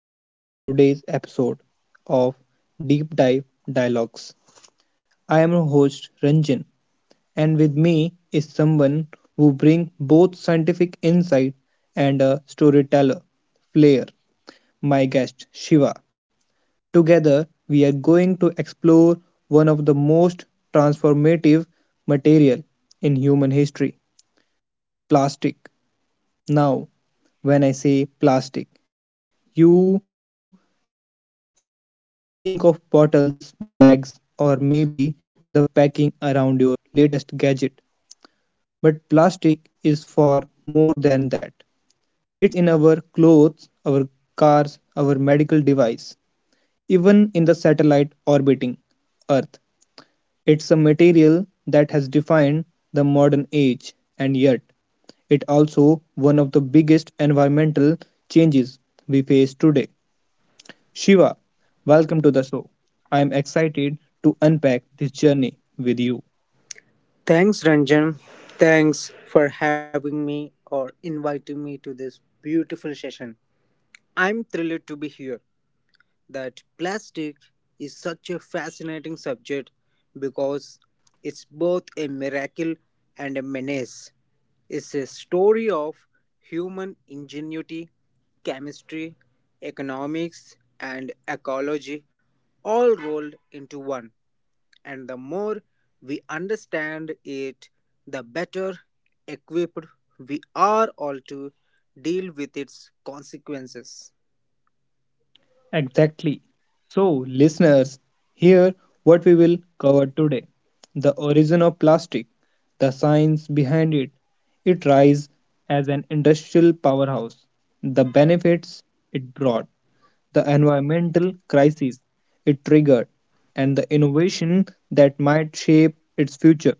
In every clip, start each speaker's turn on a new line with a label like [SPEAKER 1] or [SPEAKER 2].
[SPEAKER 1] welcome to today's episode of Deep Dive Dialogues. I am your host Ranjan, and with me is someone who brings both scientific insight and a storyteller flair, my guest Shiva. Together, we are going to explore one of the most transformative material in human history, plastic. Now, when I say plastic, you think of bottles, bags, or maybe the packing around your latest gadget. But plastic is far more than that. It's in our clothes, our cars, our medical device, even in the satellite orbiting Earth. It's a material that has defined the modern age, and yet it also one of the biggest environmental changes we face today. Shiva, welcome to the show. I am excited to unpack this journey with you.
[SPEAKER 2] Thanks, Ranjan. Thanks for having me or inviting me to this beautiful session. I'm thrilled to be here. That plastic is such a fascinating subject because it's both a miracle and a menace. It's a story of human ingenuity, chemistry, economics, and ecology all rolled into one, and the more we understand it, the better equipped we are all to deal with its consequences.
[SPEAKER 1] Exactly. So, listeners, here what we will cover today the origin of plastic, the science behind it, its rise as an industrial powerhouse, the benefits it brought, the environmental crisis it triggered, and the innovation that might shape its future.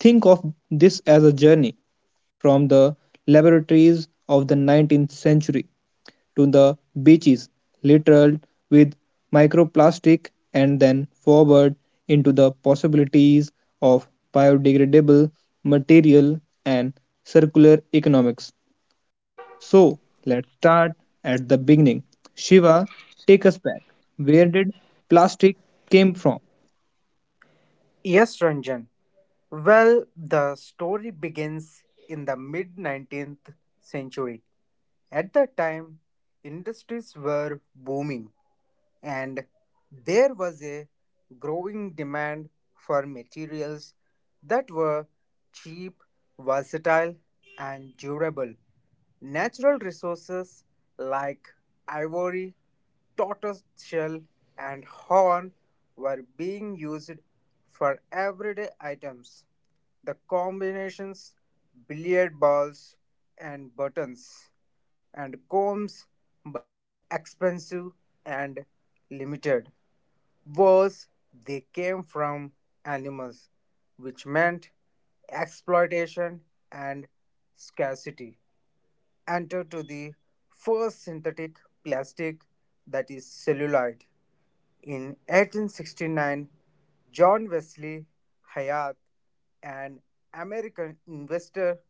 [SPEAKER 1] Think of this as a journey from the laboratories of the 19th century to the beaches littered with microplastic and then forward into the possibilities of biodegradable material and circular economics. So, let's start at the beginning. Shiva, take us back. Where did plastic came from?
[SPEAKER 2] Yes, Ranjan. Well, the story begins in the mid 19th century. At that time, industries were booming, and there was a growing demand for materials that were cheap, versatile, and durable. Natural resources like ivory, tortoise shell, and horn were being used for everyday items. The combinations, billiard balls, and buttons and combs, but they were expensive and limited. Worse, they came from animals, which meant exploitation and scarcity. Enter to the first synthetic plastic that is celluloid. In 1869, John Wesley Hyatt, an American investor,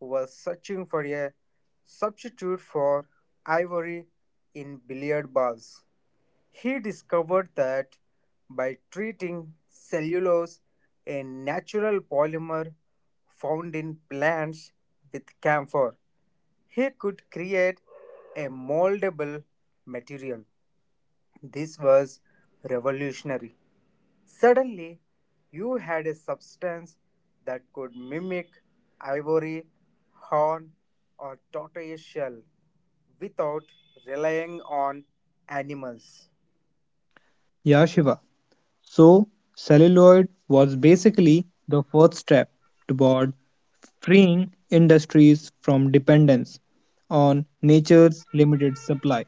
[SPEAKER 2] was searching for a substitute for ivory in billiard balls. He discovered that by treating cellulose, a natural polymer found in plants, with camphor, he could create a moldable material. This was revolutionary. Suddenly, you had a substance that could mimic ivory, horn, or tortoise shell without relying on animals.
[SPEAKER 1] Yeah, Shiva. So, celluloid was basically the first step toward freeing industries from dependence on nature's limited supply.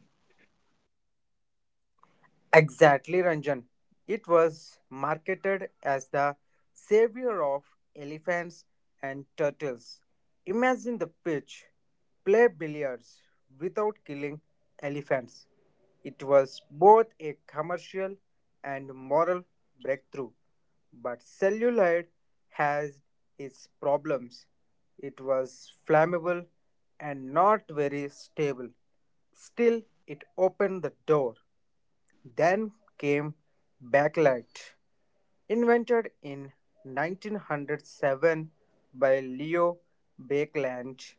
[SPEAKER 2] Exactly, Ranjan. It was marketed as the savior of elephants and turtles. Imagine the pitch: play billiards without killing elephants. It was both a commercial and moral breakthrough. But celluloid has its problems. It was flammable and not very stable. Still, it opened the door. Then came backlight, invented in 1907 by Leo Bakeland.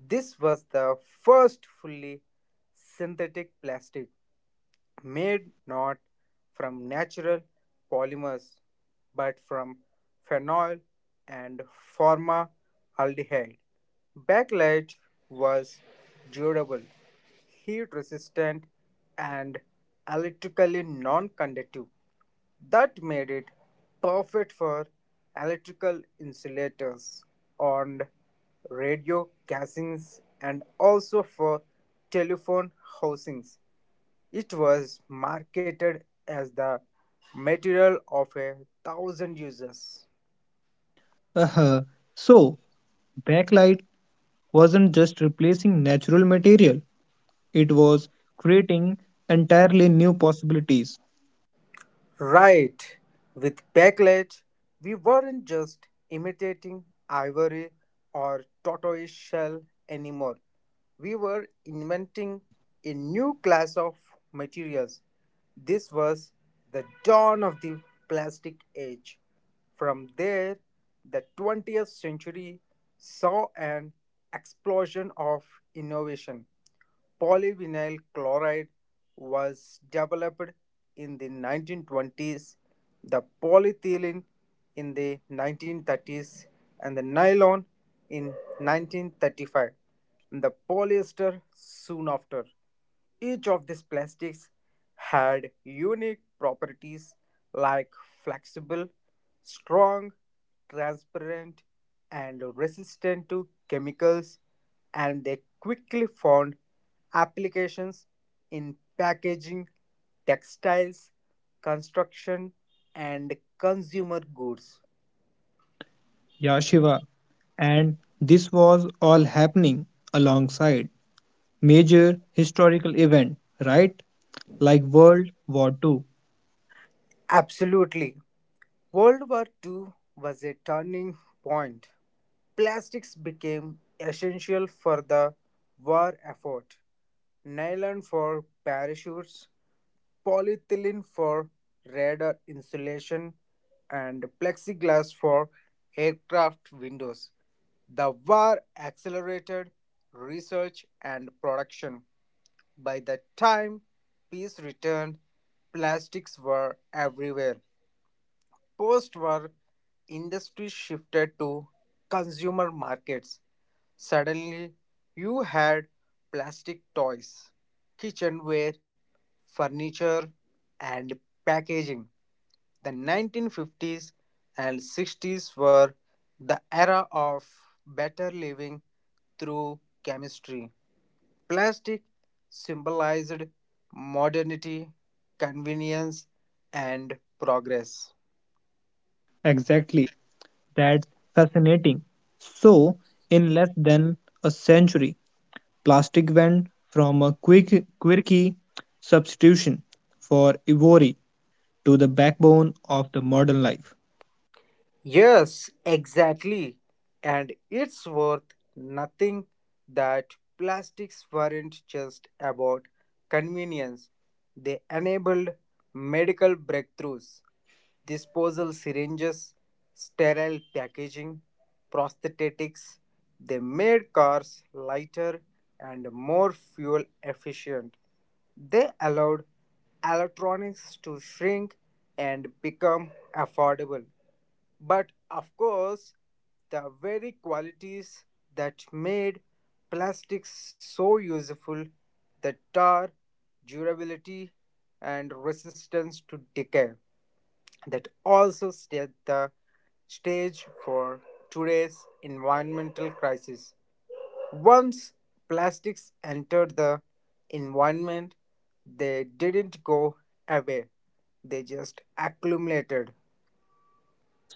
[SPEAKER 2] This was the first fully synthetic plastic made not from natural polymers but from phenol and formaldehyde. Backlight was durable, heat resistant, and electrically non conductive. That made it perfect for electrical insulators and radio casings, and also for telephone housings. It was marketed as the material of a thousand uses.
[SPEAKER 1] Uh-huh. So, backlight wasn't just replacing natural material, it was creating entirely new possibilities.
[SPEAKER 2] Right. With backlight, we weren't just imitating ivory or tortoise shell anymore. We were inventing a new class of materials. This was the dawn of the plastic age. From there, the 20th century saw an explosion of innovation. Polyvinyl chloride was developed in the 1920s, the polyethylene in the 1930s, and the nylon in 1935, and the polyester soon after. Each of these plastics had unique properties like flexible, strong, transparent, and resistant to chemicals, and they quickly found applications in packaging, textiles, construction, and consumer goods.
[SPEAKER 1] Yeah, Shiva. And this was all happening alongside major historical event, right? Like World War Two.
[SPEAKER 2] Absolutely. World War II was a turning point. Plastics became essential for the war effort. Nylon for parachutes, polyethylene for radar insulation, and plexiglass for aircraft windows. The war accelerated research and production. By the time peace returned, plastics were everywhere. Post war, industry shifted to consumer markets. Suddenly, you had plastic toys, kitchenware, furniture, and packaging. The 1950s and 60s were the era of better living through chemistry. Plastic symbolized modernity, convenience, and progress.
[SPEAKER 1] Exactly. That's fascinating. So, in less than a century, plastic went from a quick, quirky substitution for ivory to the backbone of the modern life.
[SPEAKER 2] Yes, exactly. And it's worth nothing that plastics weren't just about convenience, they enabled medical breakthroughs, disposal syringes, sterile packaging, prosthetics. They made cars lighter and more fuel efficient. They allowed electronics to shrink and become affordable. But of course, the very qualities that made plastics so useful, the tar, durability, and resistance to decay, that also set the stage for today's environmental crisis. Once plastics entered the environment, they didn't go away, they just accumulated.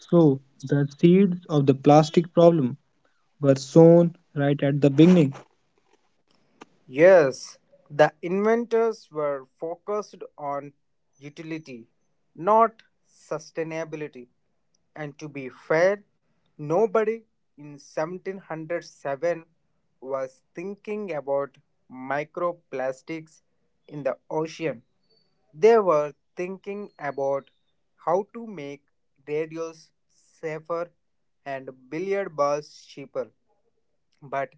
[SPEAKER 1] So, the seeds of the plastic problem were sown right at the beginning.
[SPEAKER 2] Yes, the inventors were focused on utility, not sustainability. And to be fair, nobody in 1707 was thinking about microplastics in the ocean. They were thinking about how to make radios safer and billiard balls cheaper. But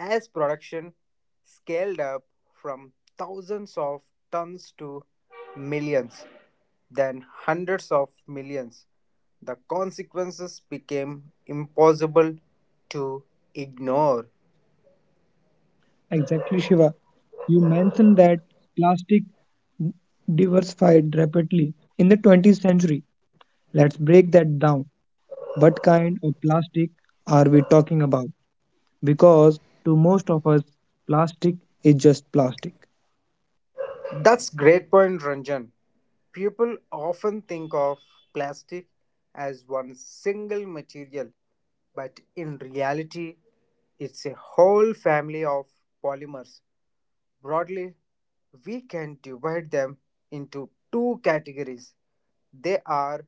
[SPEAKER 2] as production scaled up from thousands of tons to millions, then hundreds of millions, the consequences became impossible to ignore.
[SPEAKER 1] Exactly, Shiva. You mentioned that plastic diversified rapidly in the 20th century. Let's break that down. What kind of plastic are we talking about? Because to most of us, plastic is just plastic.
[SPEAKER 2] That's great point, Ranjan. People often think of plastic as one single material, but in reality, it's a whole family of polymers. Broadly, we can divide them into two categories. They are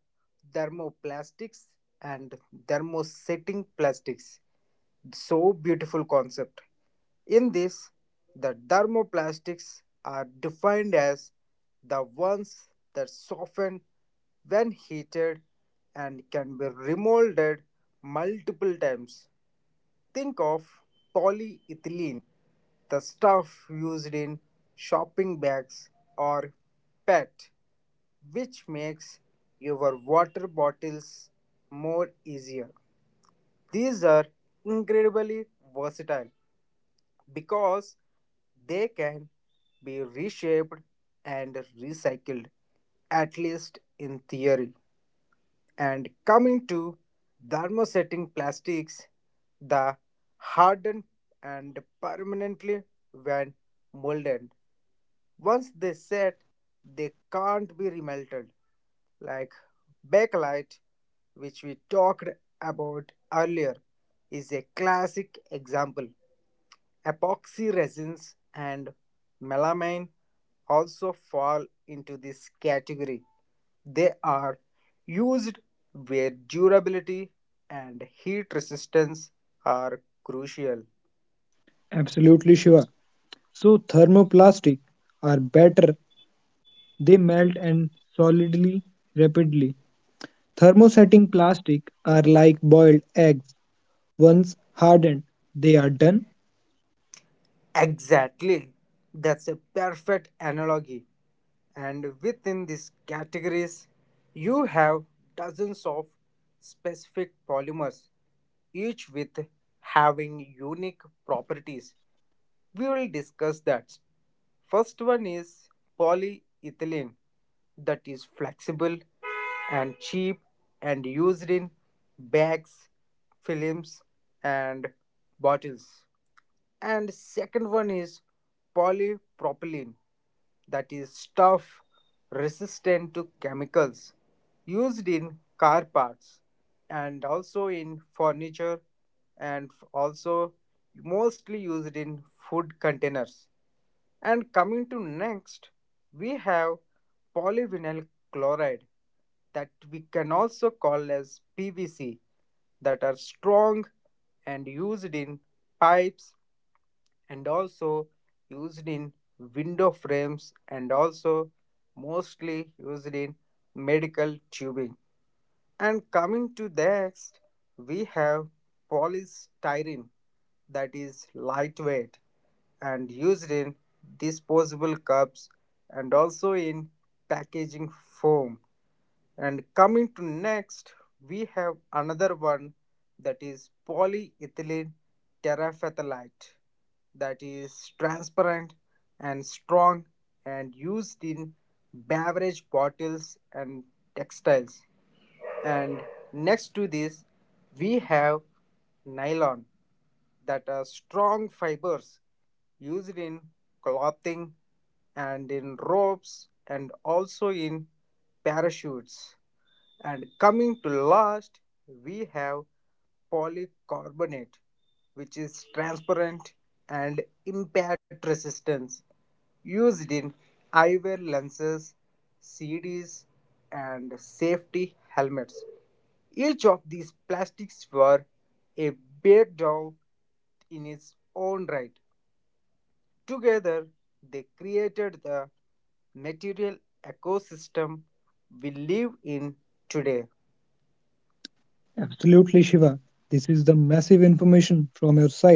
[SPEAKER 2] thermoplastics and thermosetting plastics. So beautiful concept. In this, the thermoplastics are defined as the ones that soften when heated and can be remolded multiple times. Think of polyethylene, the stuff used in shopping bags, or PET, which makes your water bottles more easier. These are incredibly versatile because they can be reshaped and recycled, at least in theory. And coming to thermosetting plastics, the harden and permanently when molded. Once they set, they can't be remelted. Like bakelite, which we talked about earlier, is a classic example. Epoxy resins and melamine also fall into this category. They are used where durability and heat resistance are crucial.
[SPEAKER 1] Absolutely, Shiva. So, thermoplastic are better, they melt and solidly rapidly. Thermosetting plastic are like boiled eggs. Once hardened, they are done.
[SPEAKER 2] Exactly. That's a perfect analogy. And within these categories, you have dozens of specific polymers, each with having unique properties. We will discuss that. First one is polyethylene, that is flexible and cheap and used in bags, films and bottles, and second one is polypropylene, that is stuff resistant to chemicals, used in car parts and also in furniture and also mostly used in food containers. And coming to next, we have polyvinyl chloride, that we can also call as PVC, that are strong and used in pipes and also used in window frames and also mostly used in medical tubing. And coming to next, we have polystyrene, that is lightweight and used in disposable cups and also in packaging foam. And coming to next, we have another one, that is polyethylene terephthalate, that is transparent and strong and used in beverage bottles and textiles. And next to this, we have nylon, that are strong fibers used in clothing and in ropes and also in parachutes. And coming to last, we have polycarbonate, which is transparent and impact resistance, used in eyewear lenses, CDs, and safety helmets. Each of these plastics were a breakdown in its own right. Together, they created the material ecosystem we live in today.
[SPEAKER 1] Absolutely, Shiva. This is the massive information from your side,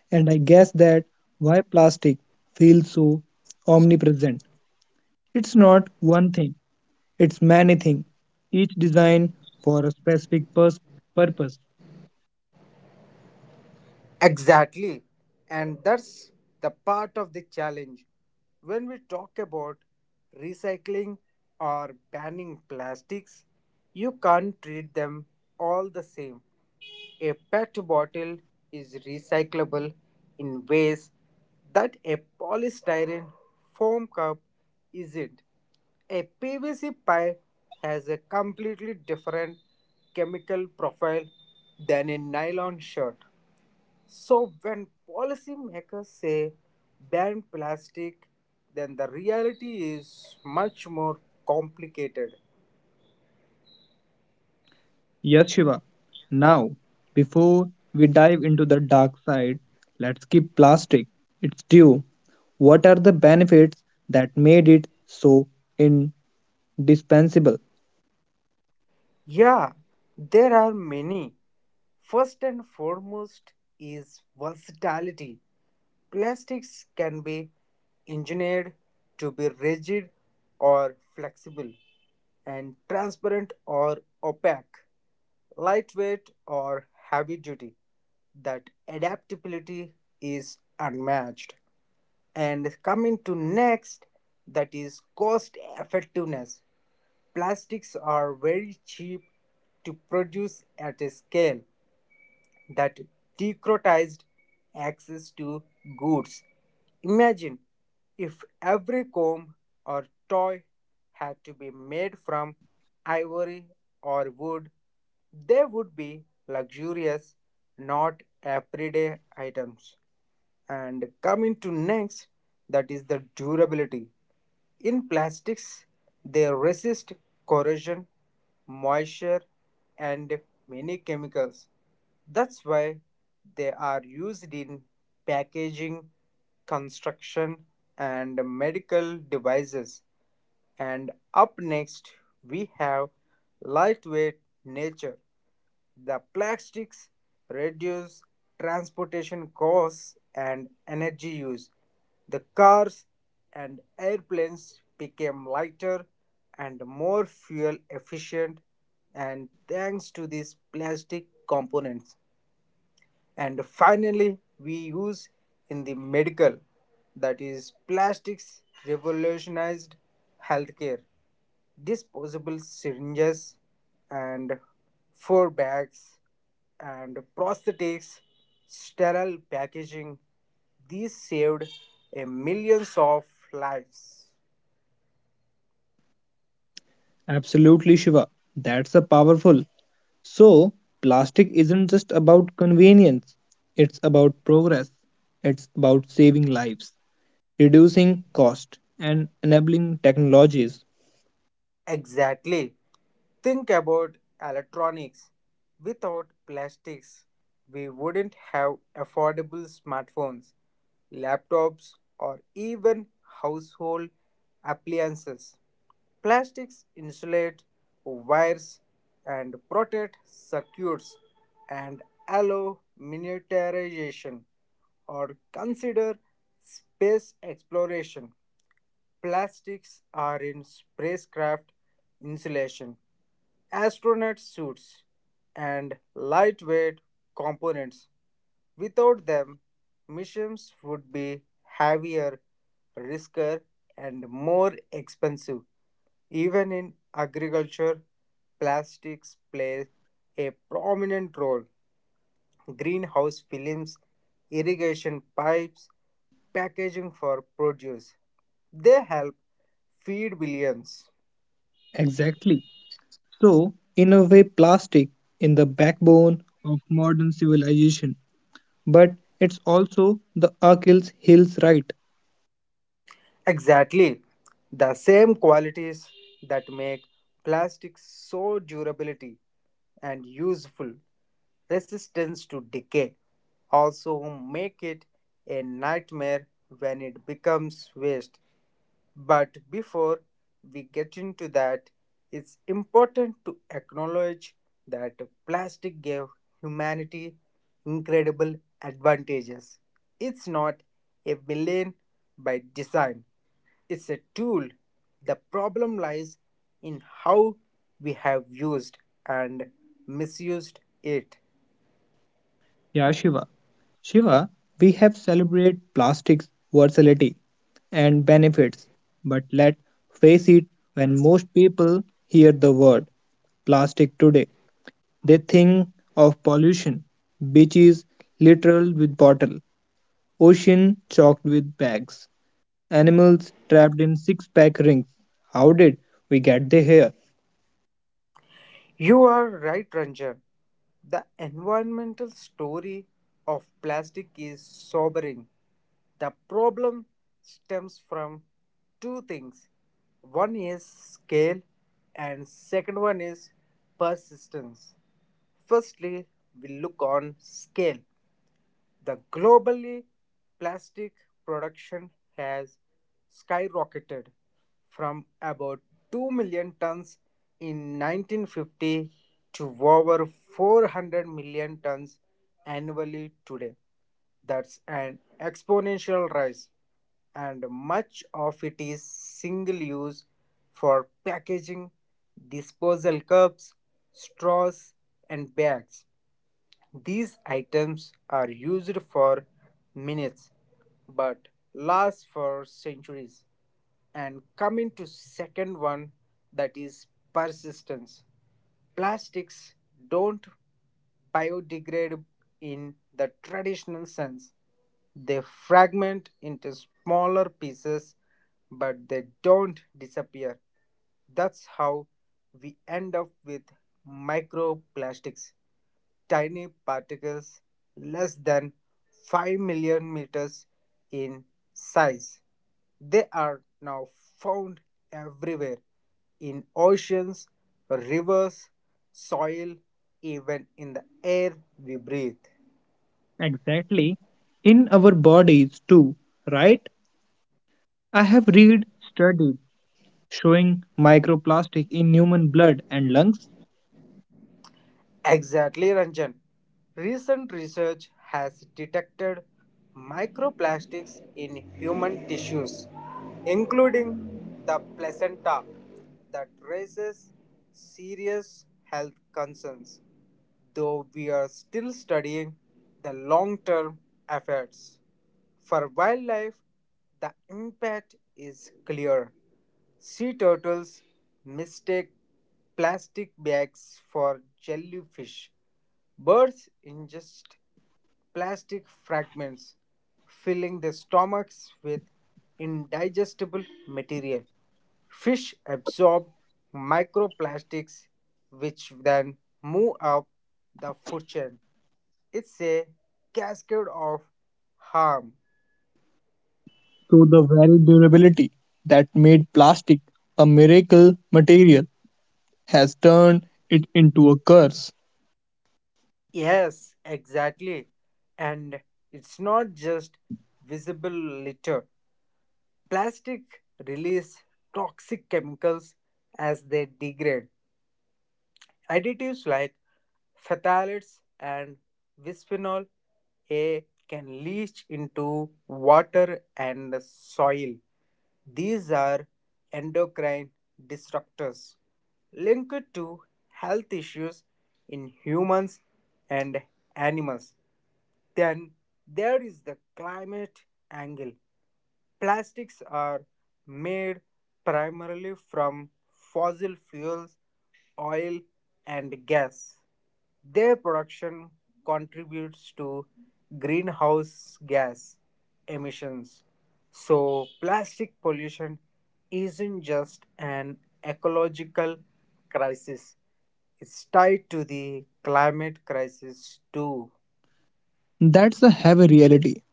[SPEAKER 1] and I guess that why plastic feels so omnipresent. It's not one thing, it's many things, each designed for a specific purpose.
[SPEAKER 2] Exactly. And that's the part of the challenge. When we talk about recycling or banning plastics, you can't treat them all the same. A PET bottle is recyclable in ways that a polystyrene foam cup isn't. A PVC pipe has a completely different chemical profile than a nylon shirt. So when policymakers say ban plastic, then the reality is much more complicated.
[SPEAKER 1] Yes, Shiva. Now, before we dive into the dark side, let's keep plastic its due. What are the benefits that made it so indispensable?
[SPEAKER 2] Yeah, there are many. First and foremost is versatility. Plastics can be engineered to be rigid or flexible, and transparent or opaque, lightweight or heavy duty. That adaptability is unmatched. And coming to next, that is cost effectiveness. Plastics are very cheap to produce at a scale that democratized access to goods. Imagine if every comb or toy had to be made from ivory or wood, they would be luxurious, not everyday items. And coming to next, that is the durability. In plastics, they resist corrosion, moisture, and many chemicals. That's why they are used in packaging, construction, and medical devices. And up next, we have lightweight nature. The plastics reduce transportation costs and energy use. The cars and airplanes became lighter and more fuel efficient and thanks to these plastic components. And finally, we use in the medical, that is, plastics revolutionized healthcare. Disposable syringes and four bags and prosthetics, sterile packaging, these saved a millions of lives.
[SPEAKER 1] Absolutely, Shiva. That's a powerful. So, plastic isn't just about convenience, it's about progress, it's about saving lives, reducing cost and enabling technologies.
[SPEAKER 2] Exactly. Think about electronics. Without plastics, we wouldn't have affordable smartphones, laptops, or even household appliances. Plastics insulate wires and protect circuits and allow miniaturization, or consider space exploration. Plastics are in spacecraft insulation, astronaut suits, and lightweight components. Without them, missions would be heavier, riskier, and more expensive. Even in agriculture, plastics play a prominent role: greenhouse films, irrigation pipes, packaging for produce. They help feed billions.
[SPEAKER 1] Exactly. So, in a way, plastic in the backbone of modern civilization, but it's also the Achilles heels right.
[SPEAKER 2] Exactly. The same qualities that make plastic so durability and useful, resistance to decay, also make it a nightmare when it becomes waste. But before we get into that, it's important to acknowledge that plastic gave humanity incredible advantages. It's not a villain by design, it's a tool. The problem lies in how we have used and misused it.
[SPEAKER 1] Yeah, Shiva. Shiva, we have celebrated plastic's versatility and benefits, but let face it, when most people hear the word plastic today, they think of pollution, beaches littered with bottle, ocean choked with bags. Animals trapped in six pack rings. How did we get there? Here?
[SPEAKER 2] You are right, Ranjan. The environmental story of plastic is sobering. The problem stems from two things. One is scale and second one is persistence. Firstly, we look on scale. The globally plastic production has skyrocketed from about 2 million tons in 1950 to over 400 million tons annually today. That's an exponential rise, and much of it is single use for packaging, disposal cups, straws, and bags. These items are used for minutes but last for centuries. And coming to second one, that is persistence. Plastics don't biodegrade in the traditional sense, they fragment into smaller pieces, but they don't disappear. That's how we end up with microplastics, tiny particles less than 5 million meters in size. They are now found everywhere, in oceans, rivers, soil, even in the air we breathe.
[SPEAKER 1] Exactly. In our bodies too, right? I have read studies showing microplastic in human blood and lungs.
[SPEAKER 2] Exactly, Ranjan. Recent research has detected microplastics in human tissues, including the placenta, that raises serious health concerns, though we are still studying the long term effects. For wildlife, the impact is clear. Sea turtles mistake plastic bags for jellyfish. Birds ingest plastic fragments, filling their stomachs with indigestible material. Fish absorb microplastics, which then move up the food chain. It's a cascade of harm.
[SPEAKER 1] So the very durability that made plastic a miracle material has turned it into a curse.
[SPEAKER 2] Yes, exactly. And it's not just visible litter. Plastic release toxic chemicals as they degrade. Additives like phthalates and bisphenol A can leach into water and soil. These are endocrine disruptors linked to health issues in humans and animals. Then there is the climate angle. Plastics are made primarily from fossil fuels, oil, and gas. Their production contributes to greenhouse gas emissions. So, plastic pollution isn't just an ecological crisis, it's tied to the climate crisis too.
[SPEAKER 1] That's a heavy reality.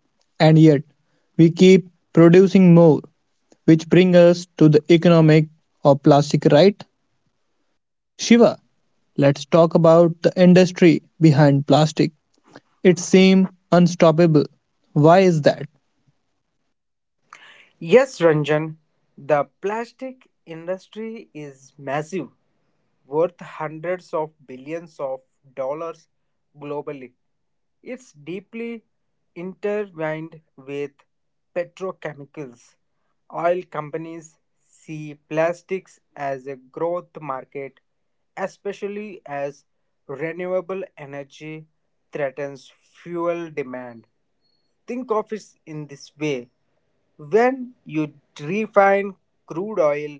[SPEAKER 1] And yet, we keep producing more, which brings us to the economic of plastic, right? Shiva, let's talk about the industry behind plastic. It seems unstoppable. Why is that?
[SPEAKER 2] Yes, Ranjan, the plastic industry is massive, worth hundreds of billions of dollars globally. It's deeply intertwined with petrochemicals. Oil companies see plastics as a growth market, especially as renewable energy threatens fuel demand. Think of it in this way: when you refine crude oil,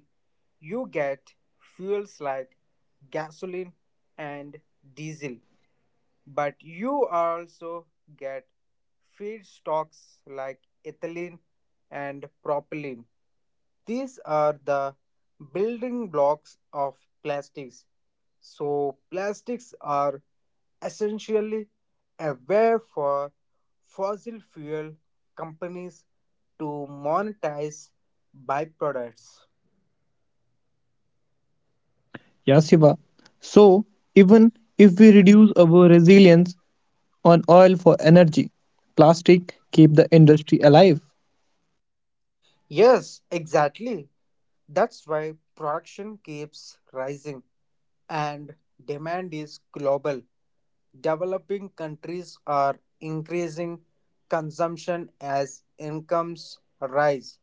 [SPEAKER 2] you get fuels like gasoline and diesel, but you also get feedstocks like ethylene and propylene. These are the building blocks of plastics. So, plastics are essentially a way for fossil fuel companies to monetize byproducts.
[SPEAKER 1] Yeah, Shiva. So, even if we reduce our resilience on oil for energy, plastic keep the industry alive.
[SPEAKER 2] Yes, exactly. That's why production keeps rising, and demand is global. Developing countries are increasing consumption as incomes rise.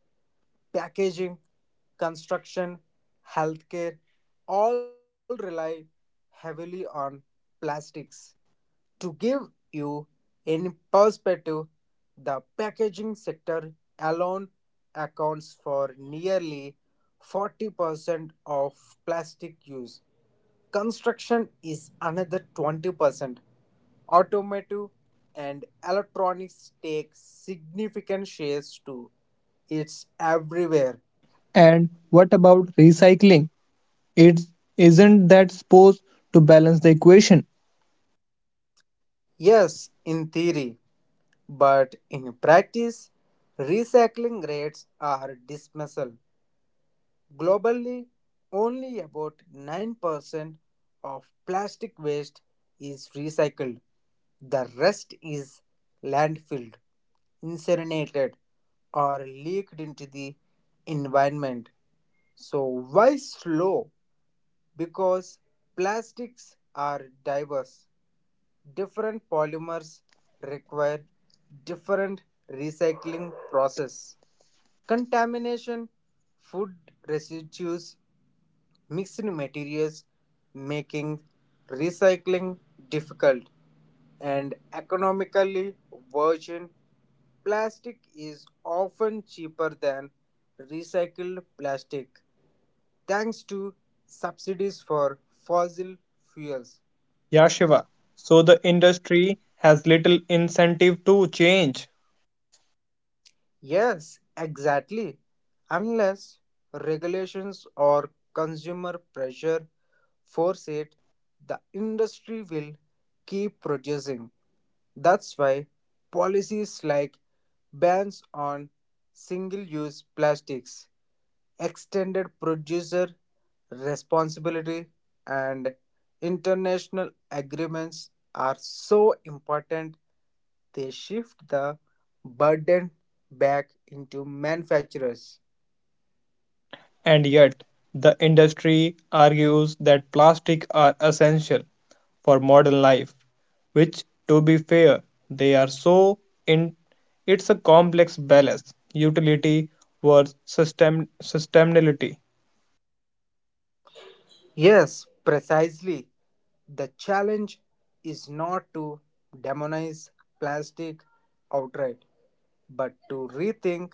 [SPEAKER 2] Packaging, construction, healthcare all rely heavily on plastics. To give you in perspective, the packaging sector alone accounts for nearly 40% of plastic use. Construction is another 20%. Automotive and electronics take significant shares too. It's everywhere.
[SPEAKER 1] And what about recycling? It isn't that supposed to balance the equation?
[SPEAKER 2] Yes, in theory, but in practice, recycling rates are dismal. Globally, only about 9% of plastic waste is recycled. The rest is landfilled, incinerated, or leaked into the environment. So, why slow? Because plastics are diverse. Different polymers require different recycling process. Contamination, food residues, mixed materials, making recycling difficult, and economically virgin plastic is often cheaper than recycled plastic thanks to subsidies for fossil fuels.
[SPEAKER 1] Yeah, Shiva. So the industry has little incentive to change,
[SPEAKER 2] Yes, exactly. Unless regulations or consumer pressure force it, the industry will keep producing. That's why policies like bans on single use plastics, extended producer responsibility, and international agreements are so important. They shift the burden back into manufacturers.
[SPEAKER 1] and yet the industry argues that plastic are essential for modern life, which to be fair, they are so in it's a complex balance, utility versus sustainability.
[SPEAKER 2] Yes, precisely. The challenge is not to demonize plastic outright, but to rethink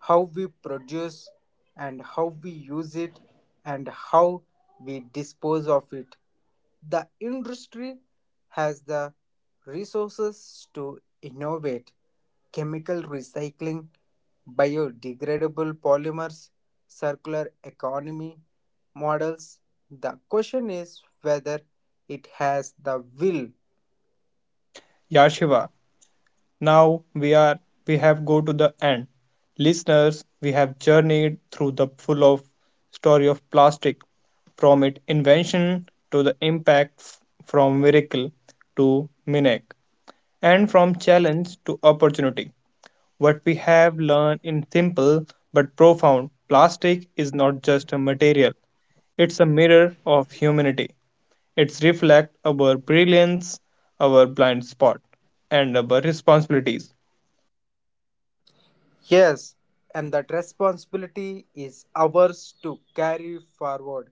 [SPEAKER 2] how we produce and how we use it and how we dispose of it. The industry has the resources to innovate chemical recycling, biodegradable polymers, circular economy models. The question is whether it has the will.
[SPEAKER 1] Yeah, Shiva. Now we have go to the end. Listeners, we have journeyed through the full of story of plastic from its invention to the impact from miracle to minic and from challenge to opportunity. What we have learned in simple but profound plastic is not just a material. It's a mirror of humanity. It's reflect our brilliance, our blind spot, and our responsibilities.
[SPEAKER 2] Yes, and that responsibility is ours to carry forward.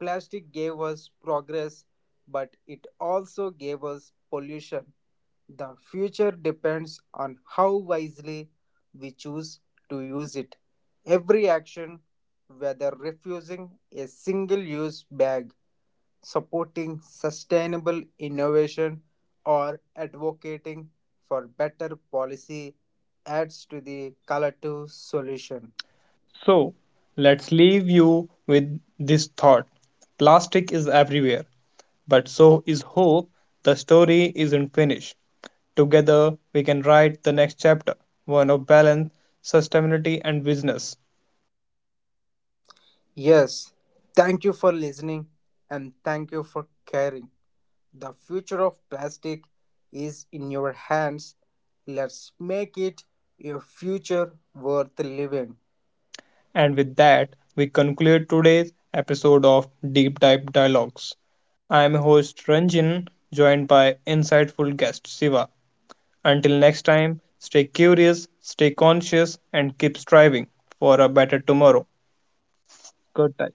[SPEAKER 2] Plastic gave us progress, but it also gave us pollution. The future depends on how wisely we choose to use it. Every action, whether refusing a single use bag, supporting sustainable innovation, or advocating for better policy, adds to the collective solution.
[SPEAKER 1] So, let's leave you with this thought. Plastic is everywhere, but so is hope. The story isn't finished. Together, we can write the next chapter, one of balance, sustainability, and business.
[SPEAKER 2] Yes, thank you for listening and thank you for caring. The future of plastic is in your hands. Let's make it a future worth living.
[SPEAKER 1] And with that, we conclude today's episode of Deep Dive Dialogues. I am your host Ranjan, joined by insightful guest Siva. Until next time, stay curious, stay conscious, and keep striving for a better tomorrow. Good time.